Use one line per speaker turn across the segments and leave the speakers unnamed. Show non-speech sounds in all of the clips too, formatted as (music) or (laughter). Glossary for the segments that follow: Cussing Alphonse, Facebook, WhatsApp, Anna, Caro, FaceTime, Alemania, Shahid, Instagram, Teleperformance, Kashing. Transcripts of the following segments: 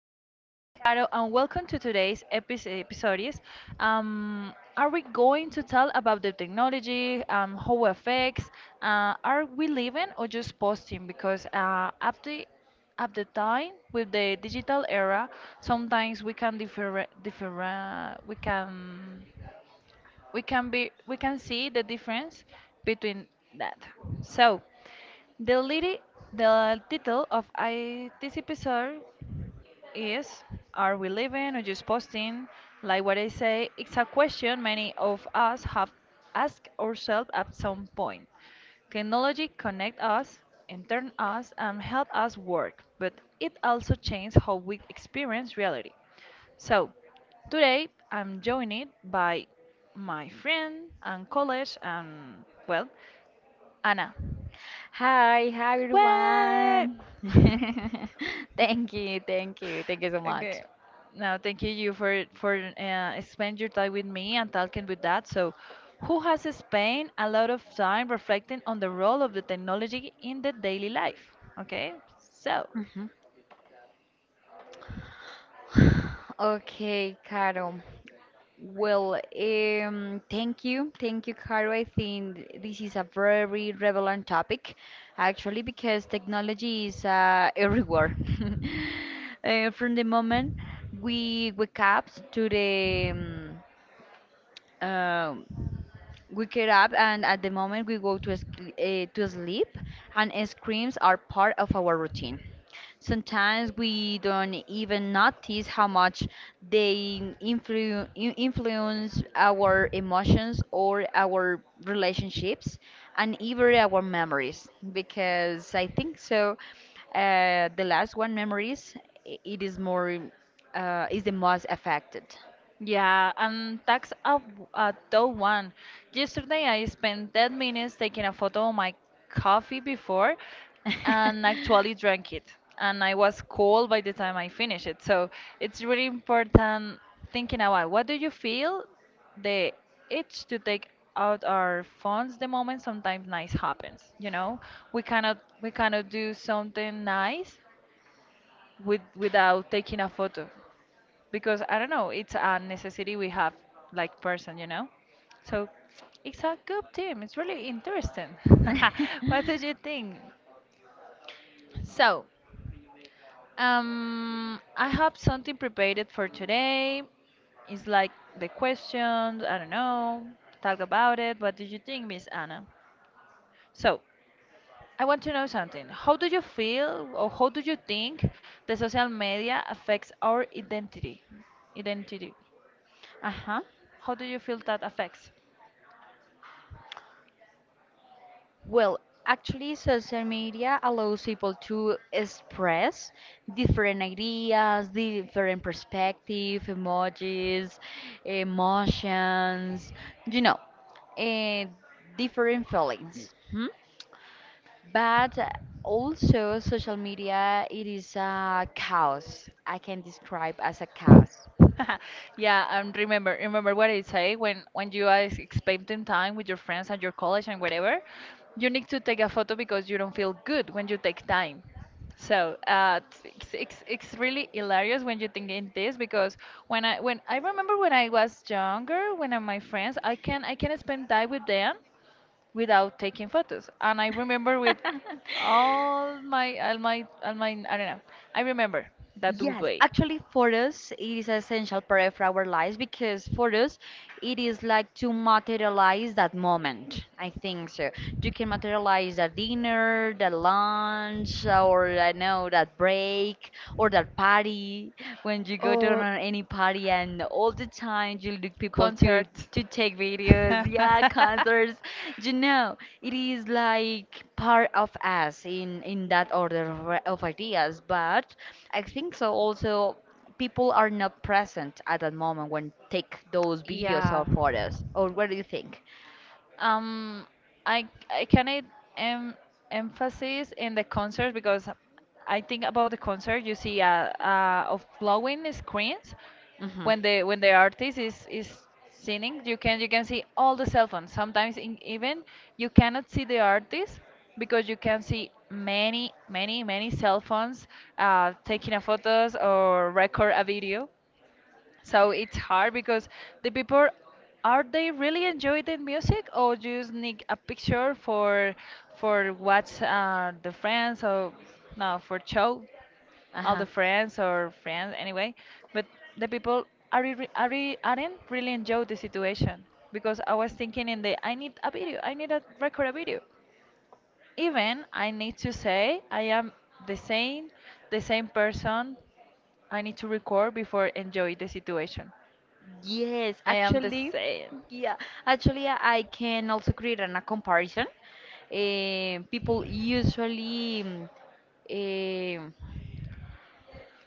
everyone. My name is Caro, and welcome to today's episode. Episodes. Are we going to tell about the technology, how it affects? Are we living or just posting? Because at the time with the digital era, sometimes we can differ, we can be we can see the difference between that. So the liti- the title of this episode is, are we living or just posting? Like what I say, it's a question many of us have asked ourselves at some point. Technology connect us, entertain us, and help us work, but it also changes how we experience reality. So, today I'm joined by my friend and college and well, Anna.
Hi, hi
Way! (laughs)
everyone. (laughs) Thank you, thank you, thank you so much.
Okay. Now, thank you for spend your time with me and talking with that. So, who has spent a lot of time reflecting on the role of the technology in the daily life? Okay. So,
Mhm. (sighs) Okay, Caro. Well, thank you, Caro. I think this is a very relevant topic, actually, because technology is everywhere. (laughs) From the moment we wake up to the uh, we get up, and at the moment we go to sleep, and ice creams are part of our routine. Sometimes we don't even notice how much they influence our emotions or our relationships and even our memories. Because I think so, the last one, memories, it is more, is the most affected.
yeah, and that's a, a tough one. Yesterday, I spent 10 minutes taking a photo of my coffee before and actually drank it. And I
(laughs)
was cold by the time I finished it. So it's really important thinking about what do you feel the itch to take out our phones the moment sometimes nice happens. You know, we cannot do something nice without taking a photo because I don't know, it's a necessity we have like person, you know? So it's a good team. It's really interesting. (laughs) What
(laughs)
did you think? So, I have something prepared for today. It's like the questions, I don't know, talk about it. What did you think, Miss Anna? So, I want to know something. How do you feel or how do you think the social media affects our identity? Identity.
Uh huh.
How do you feel that affects?
Well, actually, social media allows people to express different ideas, different perspective, emojis, emotions, you know, eh, different feelings. Hmm? But also, social media it is a chaos. I can describe as a chaos.
(laughs) Yeah, and remember what I say when you are spending time with your friends and your college and whatever, you need to take a photo because you don't feel good when you take time. So it's really hilarious when you think in this because when I remember when I was younger, when I, my friends, I can spend time with them without taking photos. And I remember with all my I don't know. I remember that good
Yes,
way.
actually, for us, it is an essential part of our lives because for us, it is like to materialize that moment. I think so. You can materialize that dinner, that lunch, or I know that break, or that party. When you go to any party, and all the time you look people to
Concert.
to take videos, yeah,
(laughs)
concerts. You know, it is like part of us in that order of ideas. But I think so. Also, people are not present at that moment when take those videos or
Yeah.
photos. Or what do you think?
Um, I can it em emphasis in the concert because I think about the concert you see of glowing screens
Hmm.
when the artist is singing, you can see all the cell phones sometimes in, even you cannot see the artist because you can see many cell phones taking a photos or record a video. So it's hard because the people, are they really enjoying the music or just need a picture for what's the friends or no for show
Uh
all
huh.
the friends or friends anyway. But the people are aren't really enjoy the situation because I was thinking in the I need a video, I need a record a video. Even I need to say I am the same the same person, I need to record before enjoy the situation.
Yes,
I am the
actually,
same.
yeah, actually, I can also create a comparison. People usually um,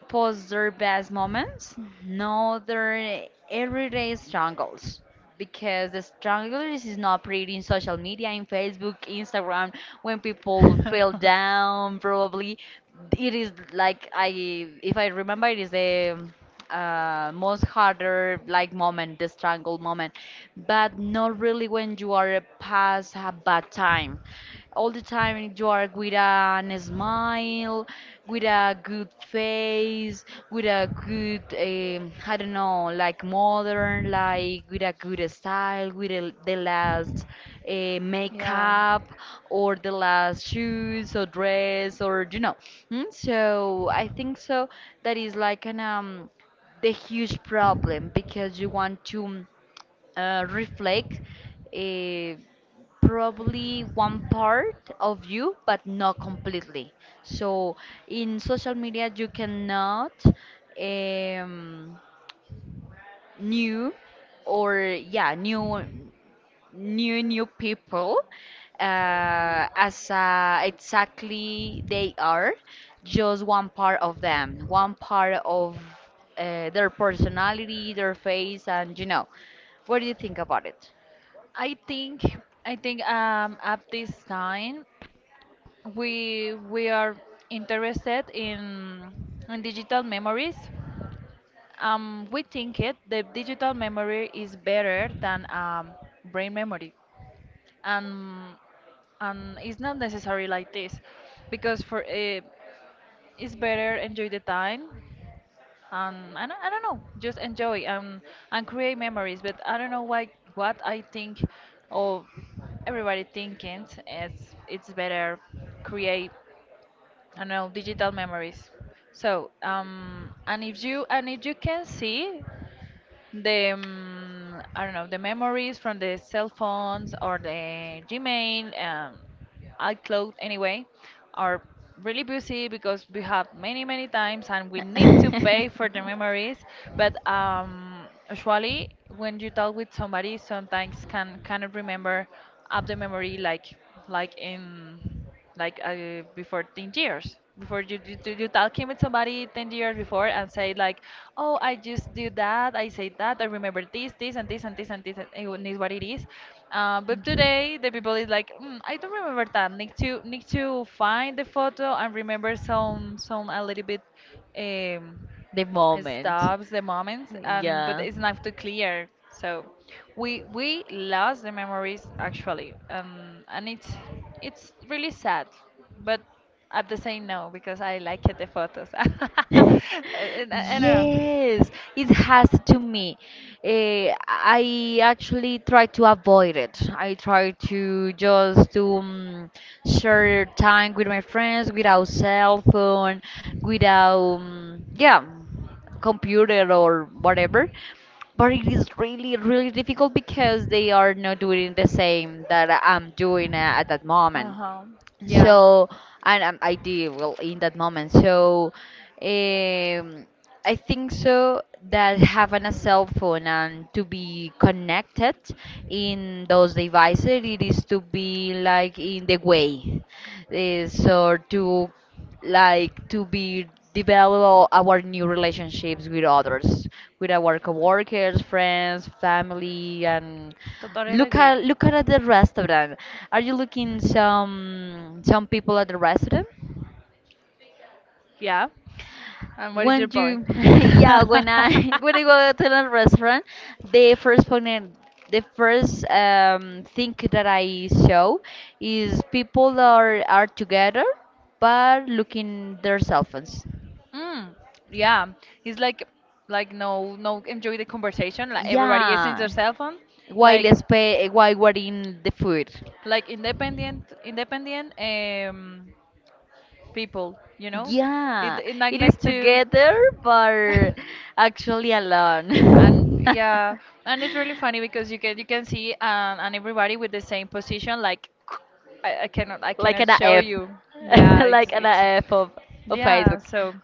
post their best moments, no, their everyday struggles. Because the struggles is not pretty in social media, in Facebook, Instagram, when people fell down, probably. It is like if
(laughs)
I remember, it is the most harder like moment, the struggle moment, but not really when you are past a bad time. All the time you are with a smile, with a good face, with a good, I don't know, like modern, like with a good style, with the last
Yeah.
makeup or the last shoes or dress or. So I think so. That is like an the huge problem because you want to reflect uh, probably one part of you but not completely, so in social media you cannot um, new or yeah new people as exactly they are, just one part of them, one part of their personality, their face, and what do you think about it?
I think I think at this time we are interested in digital memories. We think it the digital memory is better than brain memory, and it's not necessary like this, because for it's better enjoy the time and I don't know, just enjoy and create memories, but I don't know why what I think of everybody thinking it's better create, I don't know, digital memories. So and if you can see the I don't know, the memories from the cell phones or the Gmail, iCloud anyway, are really busy because we have many many times and we need to pay for the memories. But usually when you talk with somebody, sometimes cannot remember up the memory like in like before 10 years before you talking with somebody 10 years before and say like, oh I just do that, I say that, I remember this this and this and this and this, and it is what it is. But today
(laughs)
the people is like, I don't remember that, need to need to find the photo and remember some a little bit. um
The
it
moment.
stops the moments, and but
Yeah.
it's not too clear. So we lost the memories actually, and it's really sad, but at the same no, because I like it, the photos. (laughs)
(laughs) Yes,
I don't know.
yes, it has to me. I actually try to avoid it. I try to just to share time with my friends without cell phone, without yeah, computer or whatever. But it is really, really difficult because they are not doing the same that I'm doing at that
Uh
moment,
huh. Yeah.
so. And I did well in that moment, so um, I think so that having a cell phone and to be connected in those devices, it is to be like in the way so to, like, to be develop our new relationships with others, with our coworkers, friends, family, and
Totally
look
agree.
at look at the restaurant. Are you looking some people at the restaurant?
Yeah. And what is your point?
(laughs) Yeah, when I (laughs) when I
(laughs)
go to a restaurant, the first point, the first thing that I show is people are together but looking their cell phones.
Mm, yeah, it's like no no enjoy the conversation. Like everybody is in
Yeah,
their cell phone,
while
like
spe while wearing the food.
independent people, you know. It
Yeah,
it not
it is
like to.
together, but
(laughs)
actually
And
alone.
yeah,
(laughs)
and it's really funny because you can see and everybody with the same position like (clears throat) I cannot I
like
cannot
an
show
F,
you,
(laughs)
yeah it's
like an
it's
F of
yeah
Facebook.
so.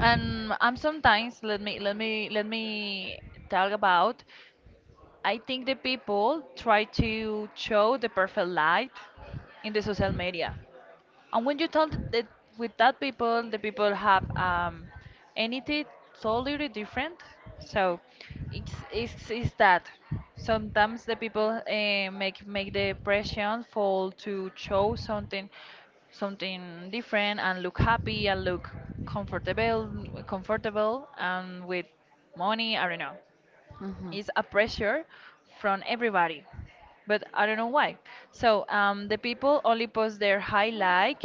And sometimes let me talk about, I think the people try to show the perfect light in the social media. And when you tell that with that people, the people have anything totally different. So it's that sometimes the people make the impression fall to show something, something different, and look happy and look comfortable comfortable and with money. I don't know,
Mhm. Mhm.
is a pressure from everybody, but I don't know why. So the people only post their highlight,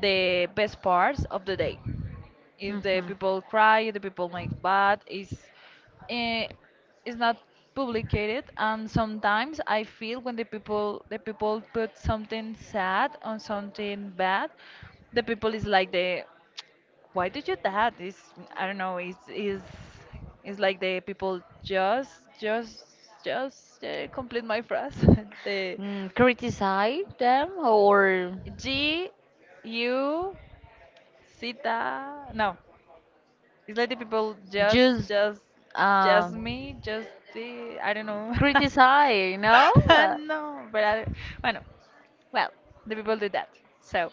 the best parts of the day. If the people cry, if the people make bad is, eh, is not publicated. And sometimes I feel when the people put something sad on something bad, the people is like, the why do you that? It's, I don't know. It's is, it's like the people just complete my phrase. (laughs) The
Criticize them or
G U Sita. No, it's like the people just
just
just
uh,
me just the, I don't know. (laughs)
criticize, no?
(laughs) No, but I, bueno, well, the people do that. So,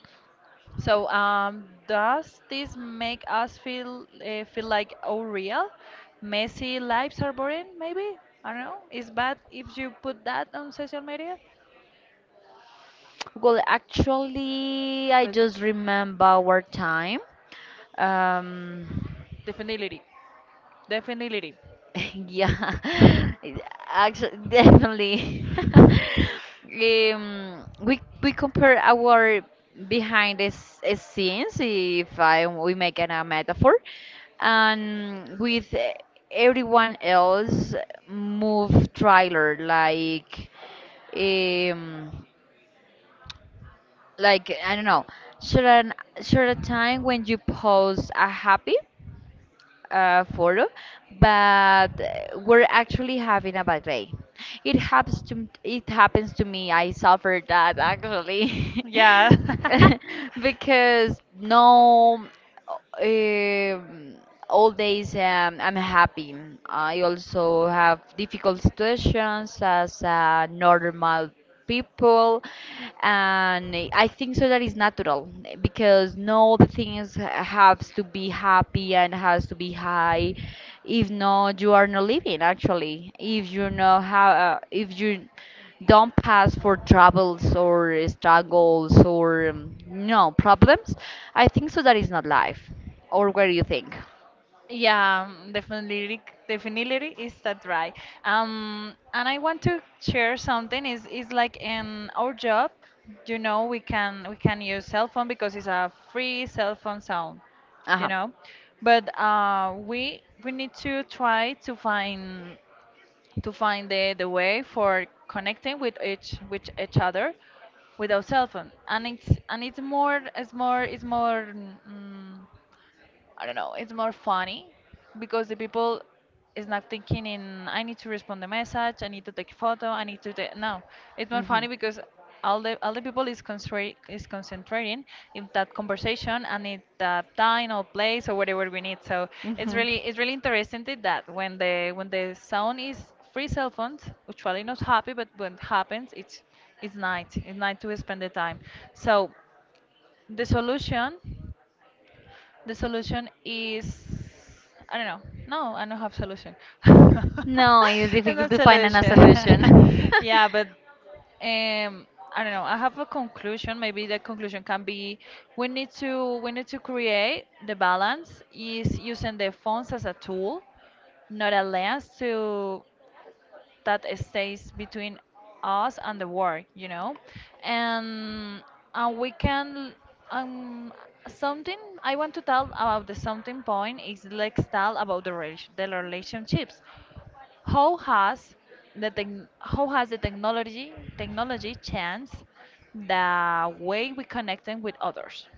so does this make us feel feel like, oh real? Messy lives are boring, maybe? I don't know. It's bad if you put that on social media,
Well, actually, I
but
just remember our time. Um,
definitely, definitely,
(laughs) Yeah, actually, definitely. (laughs) We compare our behind the scenes, if I we make it a metaphor, and with everyone else move trailer, like um like, I don't know. Should an should a time when you post a happy? Photo, but we're actually having a bad day. It happens to me. I suffered that actually.
yeah.
(laughs) Because no, um, all days I'm happy. I also have difficult situations
(laughs)
as a normal people, and I think so that is natural, because no, the things has to be happy and has to be high. If not, you are not living actually. If you don't pass for troubles or struggles or no problems, I think so that is not life, or what do you think?
Yeah, definitely, definitely is that right. And I want to share something. Is like in our job, you know, we can use cell phone because it's a free cell phone sound, you
Ajá.
know, but we need to try to find the way for connecting with each other without cell phone, and it's and it's more. mm I don't know, it's more funny because the people is not thinking in, I need to respond the message, I need to take photo, I need to take no. It's more
Ujú.
funny because all the people is concentrate is concentrating in that conversation and in that time or place or whatever we need. So it's really interesting that when the sound is free cell phones, usually not happy, but when it happens it's night. It's night to spend the time. So the solution, the solution is, I don't know. No, I don't have solution. (laughs) It's
No, it's difficult
not
to find a
solution.
solution.
(laughs) Yeah, but um I don't know. I have a conclusion. Maybe the conclusion can be we need to
(laughs)
create the balance, is using the phones as a tool, not a lens to that stays between us and the work, you know, and we can, um something I want to tell about the something point is, let's tell about the the relationships. How has the technology changed the way we connect them with others?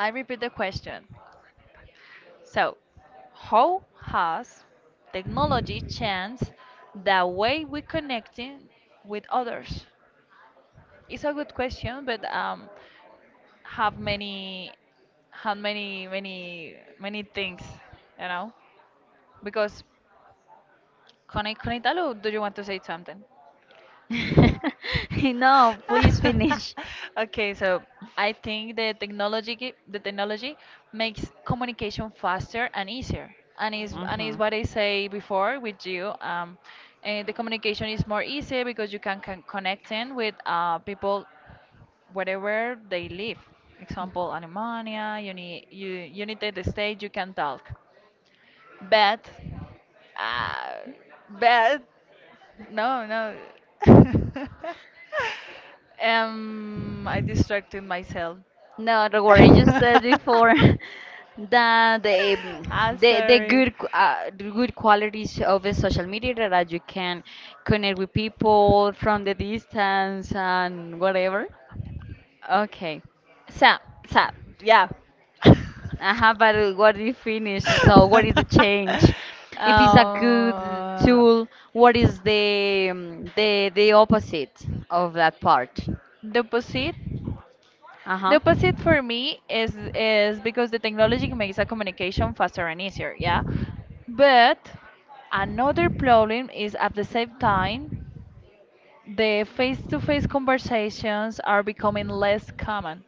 I repeat the question. So, how has technology changed the way we connecting with others? It's a good question, but have many, have many, many, many things, you know? Because, Connie, Connie, Talo, do you want to say something?
(laughs) No, please
(laughs)
finish.
Okay, so I think the technology the technology makes communication faster and easier. And is
Mhm.
what I say before with you. The communication is more easy because can connect in with people wherever they live. Example, Alemania, you need you United States, you can talk. But uh, but no. (laughs) Um, I distracted myself.
No, don't worry, you
(laughs)
said before, (laughs) that the
I'm
um, the, the
sorry.
good qu- uh, the good qualities of the social media that you can connect with people from the distance and whatever. Okay.
Sam, Sam, yeah.
Uh-huh, but what you finish? So what is the change?
(laughs)
If it's a good
uh,
tool, what is the opposite of that part?
deposit. The
Uh-huh.
opposite for me is because the technology makes a communication faster and easier, yeah. But another problem is at the same time the face-to-face conversations are becoming less common,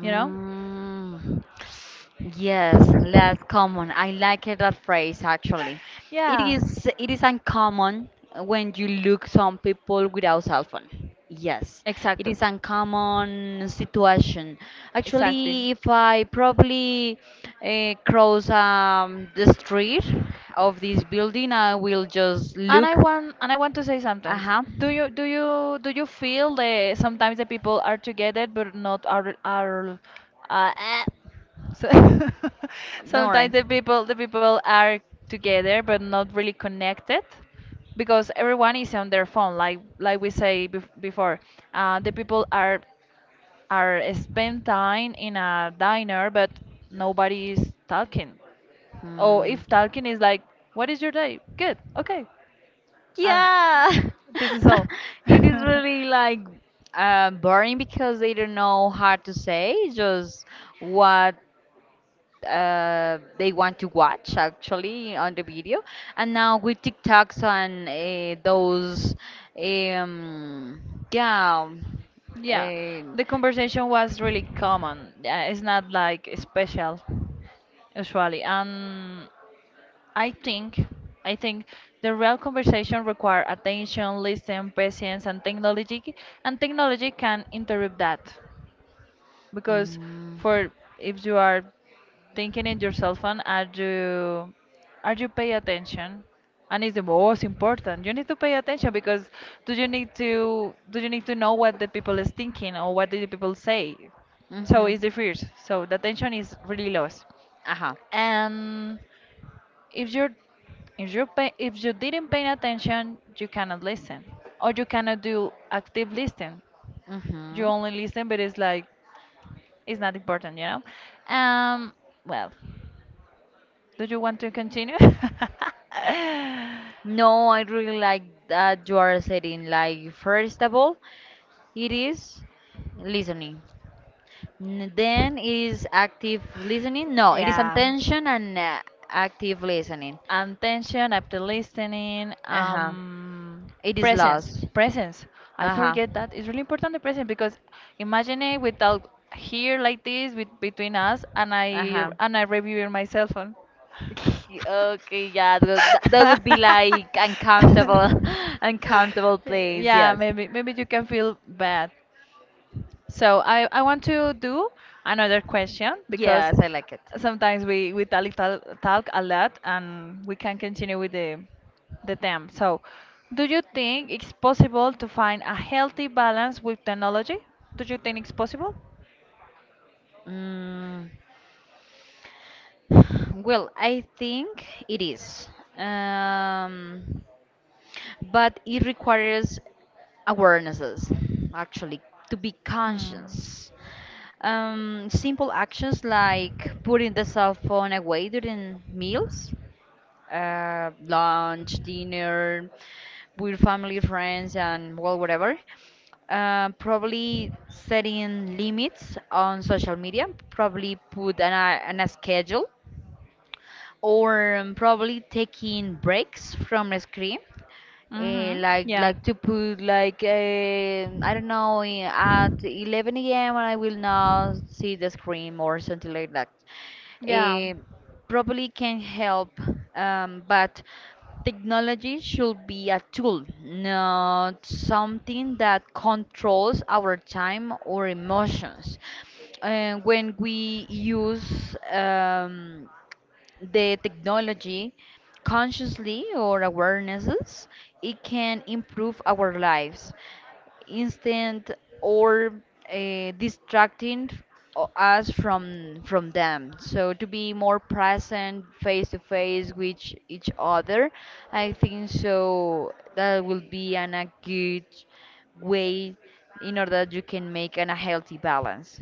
you know?
yes, less common. I like it, that phrase actually. It
Yeah,
is it is uncommon when you look some people without cell phone. Yes, it
exactly.
is uncommon situation.
Exactly.
Actually, if I probably cross the street of this building, I will just
And I
look.
want and I want to say
Uh
something.
huh.
Do you feel that sometimes the people are together but not are are eh. so (laughs)
Boring.
sometimes the people are together but not really connected because everyone is on their phone like we say bef before the people are spend time in a diner but nobody is talking. Or
Hmm.
if talking is like, what is your day, good, okay, and
Yeah,
this is
(laughs)
all. (laughs)
it is really, like, boring, because they don't know how to say just what they want to watch actually on the video. And now with TikToks and those, um, yeah,
Yeah,
uh,
the conversation was really common. Yeah, it's not like special usually. And I think I think the real conversation require attention, listen, patience, and technology. And technology can interrupt that. Because
Mm.
for if you are thinking in your cell phone, are you pay attention? And it's the most important, you need to pay attention, because do you need to know what the people is thinking or what the people say. So
Mhm.
it's the first, so the attention is really lost.
Ajá.
And if you're if you pay, if you didn't pay attention you cannot listen, or you cannot do active listening. You
Mhm.
only listen but it's like it's not important, you know. Um, well, do you want to continue? (laughs)
No, I really like that you are saying, like, first of all, it is listening. Then it is active listening. No, it is
Yeah.
attention and active listening.
Attention after listening.
Uh-huh. It is
Presence.
lost.
Presence. I
Uh-huh.
forget that. It's really important the presence, because imagine it without here like this with, between us, and I
Uh-huh.
and I review my cell phone.
(laughs) Okay, yeah, that would be
(laughs)
like uncomfortable, (laughs) uncomfortable place.
Yeah,
Yes,
maybe you can feel bad. So I want to do another question, because
yes, I like it.
sometimes we talk a lot and we can continue with the theme. So do you think it's possible to find a healthy balance with technology? Do you think it's possible?
Mm, (sighs) well, I think it is. Um, but it requires awarenesses, actually, to be
Hmm.
conscious. Simple actions like putting the cell phone away during meals, lunch, dinner with family, friends, and well, whatever, probably setting limits on social media, probably put an a schedule, or probably taking breaks from a screen.
Hmm.
Like
Yeah.
like to put like, I don't know, at 11 a.m. I will not see the screen, or something like that.
Yeah.
Eh, probably can help, but technology should be a tool, not something that controls our time or emotions. And when we use the technology consciously, or awarenesses, it can improve our lives instant or distracting us from them, so to be more present face to face with each other. I think so that will be a good way, in order that you can make a healthy balance.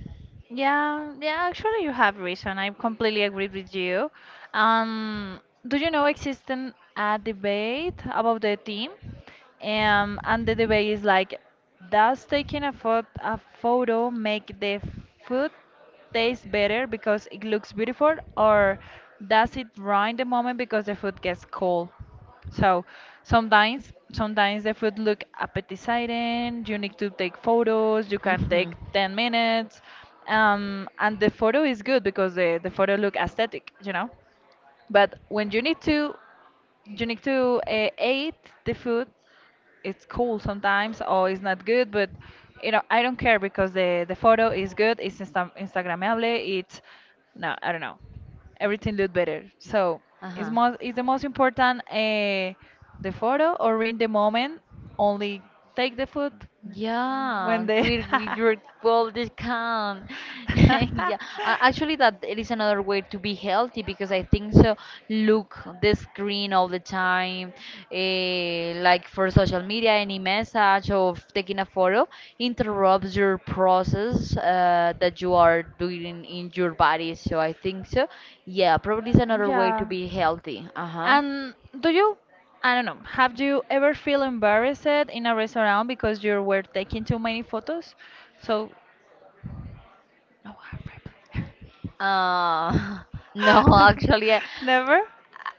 Yeah, yeah, actually you have reason. I completely agree with you. Um, do you know exists a debate about the team? And the debate is like, does taking a photo make the food taste better because it looks beautiful, or does it ruin the moment because the food gets cold? So sometimes the food look appetizing. You need to take photos. You can take
Mhm.
10 minutes, and the photo is good because the photo look aesthetic, you know. But when you need to eat the food, it's cool sometimes, or it's not good, but you know, I don't care, because the photo is good, it's instagrammable, it's, no, I don't know, everything look better. So
Uh
it's
huh.
most, is the most important, the photo, or in the moment only take the food when
Yeah,
the (laughs)
with your full discount. (laughs) Yeah, actually, that it is another way to be healthy, because I think so. Look the screen all the time, like for social media, any message of taking a photo interrupts your process that you are doing in your body. So I think so. Yeah, probably is another way to
Yeah.
be healthy. Uh-huh.
And do you, I don't know, have you ever feel embarrassed in a restaurant because you were taking too many photos? So no, I
Uh, (laughs) no,
remember.
actually, I,
(laughs) Never?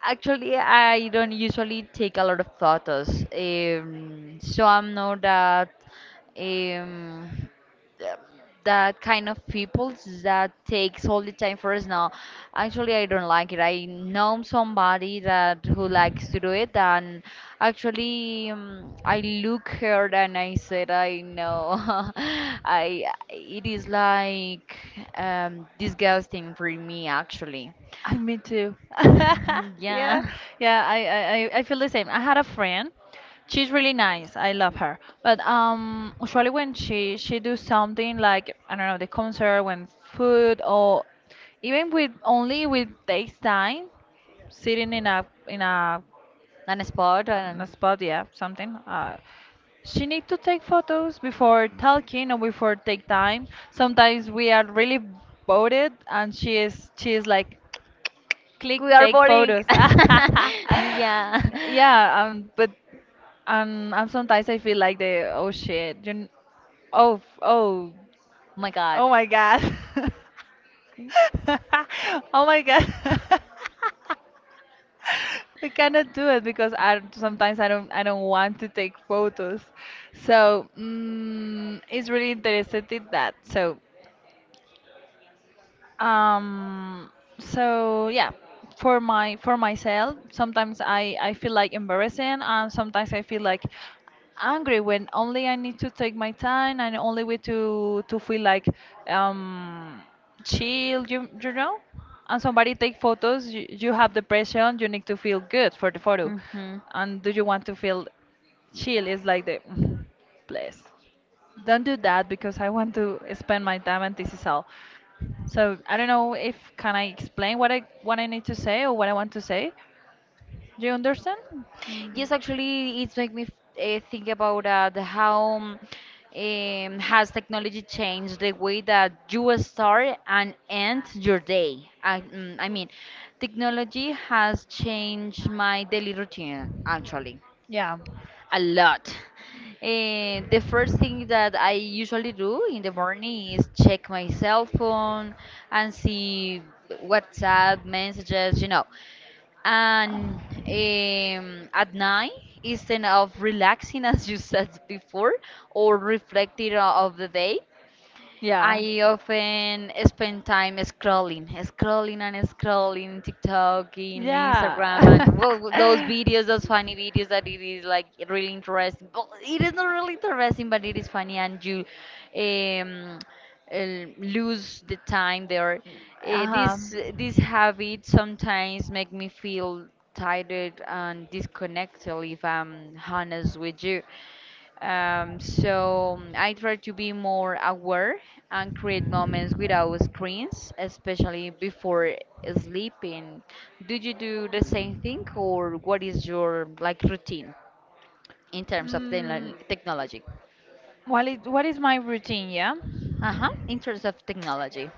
Actually, I don't usually take a lot of photos, so I'm not that, um, th- that kind of people that takes all the time for us. No, actually, I don't like it. I know somebody that who likes to do it, and actually, I look her and I said, I know. (laughs) I it is like, disgusting for me, actually.
I me too. (laughs)
(laughs)
Yeah,
Yeah.
yeah. I feel the same. I had a friend. She's really nice. I love her. But usually when she do something like, I don't know, the concert, when food, or even with only with FaceTime, sitting in a
Non sport
on the
and
spot, yeah, something. She need to take photos before talking or before take time. Sometimes we are really bored and she is like, click,
we are
take
boring.
photos.
(laughs) Yeah.
(laughs) Yeah, but and sometimes I feel like the, oh shit, you oh oh oh my god. (laughs) Oh my god. (laughs) (laughs) We cannot do it because I sometimes I don't want to take photos. So it's really interested in that. So um, yeah, for my for myself,
My
sometimes I feel
God.
like embarrassing, and sometimes I feel like angry, when only I need to take my time and only way to feel like um chill, you know. And somebody take photos, you have depression, you need to feel good for the photo,
Mhm.
and do you want to feel chill? Is like the (laughs) place. Don't do that because I want to spend my time and this is all. So I don't know if can I explain what I need to say or what I want to say. Do you understand? Mm.
Yes, actually, it's make me think about the how has technology changed the way that you start and end your day. I mean, technology has changed my daily routine, actually, a lot. The first thing that I usually do in the morning is check my cell phone and see WhatsApp messages. And at night, instead of relaxing, (laughs) as you said before, or reflecting of the day,
Yeah. Yeah.
I often spend time scrolling, scrolling, and scrolling TikTok, in Instagram,
Yeah.
and well, those videos, those funny videos that it is like really interesting. But it is not really interesting, but it is funny, and you um, lose the time there. This
(laughs)
habit sometimes make me feel tired and disconnected, if I'm
Uh-huh.
honest with you. So I try to be more aware and create moments without screens, especially before sleeping. Do you do the same thing, or what is your like routine in terms of
Mm,
technology?
what is my routine? Yeah,
Uh huh. In terms of technology,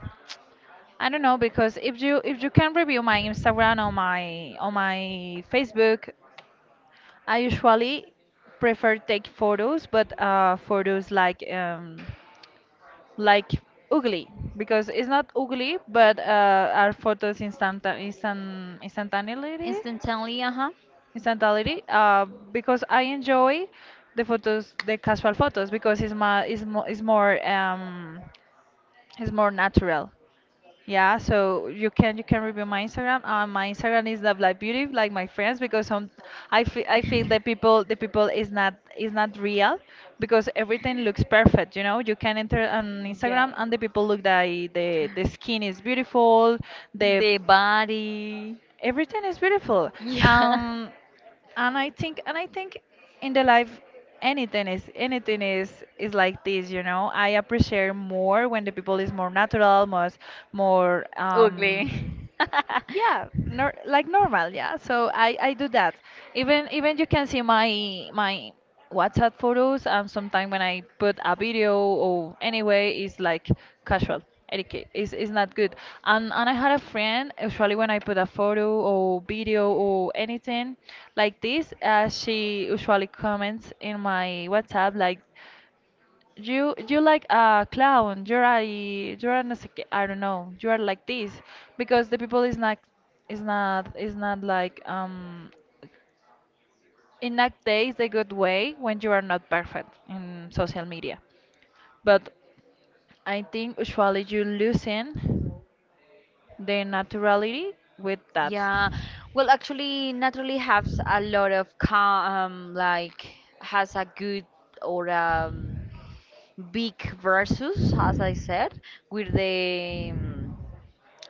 I don't know, because if you can review my Instagram or my Facebook, I usually prefer take photos, but photos like like ugly, because it's not ugly, but are photos instantaneously.
instantly. Uh huh.
Instantaneity because I enjoy the photos, the casual photos, because it's my it's mo it's more natural. Yeah, so you can review my Instagram. My Instagram is Love Life Beauty, like my friends, because some, I feel that people is not real, because everything looks perfect. You know, you can enter on
Yeah.
Instagram and the people look that the skin is beautiful, the
The body.
everything is beautiful,
Yeah.
um and I think in the life, anything is like this, you know, I appreciate more when the people is more natural, more, more
(laughs) Ugly.
um yeah,
(laughs)
nor like normal, yeah, so I do that. Even you can see my WhatsApp photos, and sometimes when I put a video or anyway, it's like casual, etiquette is not good. And I had a friend, usually when I put a photo or video or anything like this, she usually comments in my WhatsApp like, you like a clown, you're a you're an I don't know, you are like this, because the people is not like, in that days is a good way when you are not perfect in social media, but I think usually you losing the naturality with that.
Yeah, well, actually, naturally has a lot of like, has a good or big versus, as I said, with the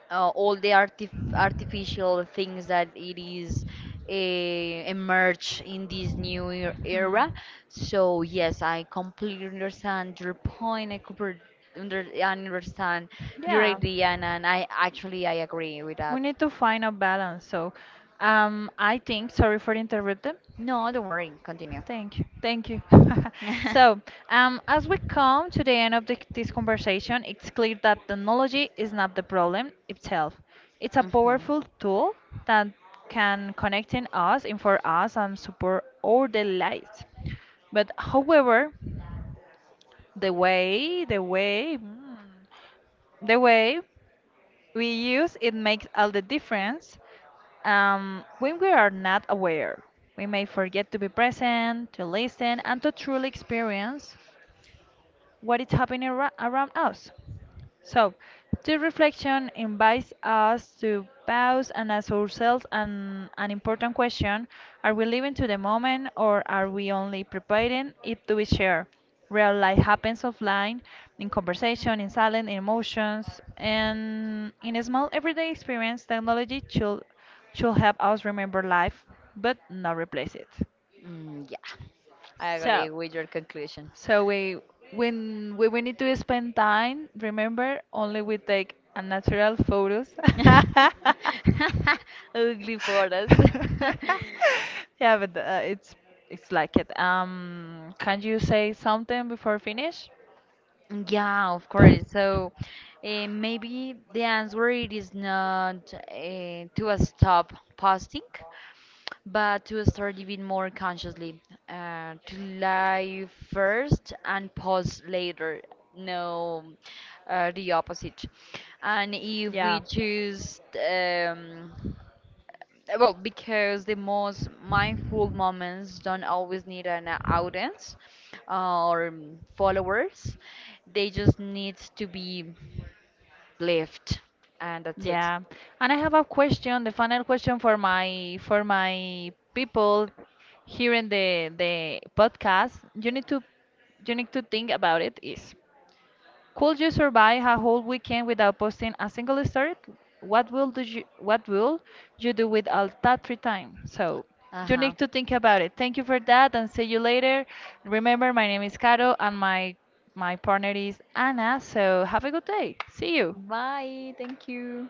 all the artificial things that it is emerge in this new
Hmm.
era. So yes, I completely understand your point. I understand your
Yeah,
idea, and, I actually I agree with
we
that.
need to find a balance. So, I think, sorry for interrupting.
No, don't worry. Continue.
Thank you. Thank you. (laughs) So,
(laughs)
as we come to the end of this conversation, it's clear that technology is not the problem itself. It's a
Hmm.
powerful tool that can connect in us, inform us, and support our daily lives. But, however, the way, the way, mm, the way we use it makes all the difference. When we are not aware, we may forget to be present, to listen, and to truly experience what is happening around us. So, this reflection invites us to pause and ask ourselves an important question. Are we living to the moment, or are we only preparing it to be shared? Real life happens offline, in conversation, in silence, in emotions, and in a small everyday experience. Technology should help us remember life but not replace it.
Mm, yeah, I
So,
agree with your conclusion.
so we need to spend time, remember only we take a natural photos. (laughs)
(laughs) Ugly photos. (laughs)
(laughs) Yeah, but it's like it. Can you say something before finish?
Yeah, of course. So maybe the answer it is not to stop posting, but to start living more consciously. To live first and post later. No, the opposite. And if
Yeah.
we choose um, well, because the most mindful moments don't always need an audience or followers. They just need to be lived, and that's it.
Yeah. And I have a question, the final question for my people here in the podcast. You need to you need to think about it is, could you survive a whole weekend without posting a single story? What will you do with all that free time? So
Uh
you
huh.
need to think about it. Thank you for that and see you later. Remember my name is Caro and my partner is Anna, so have a good day. See you.
Bye. Thank you.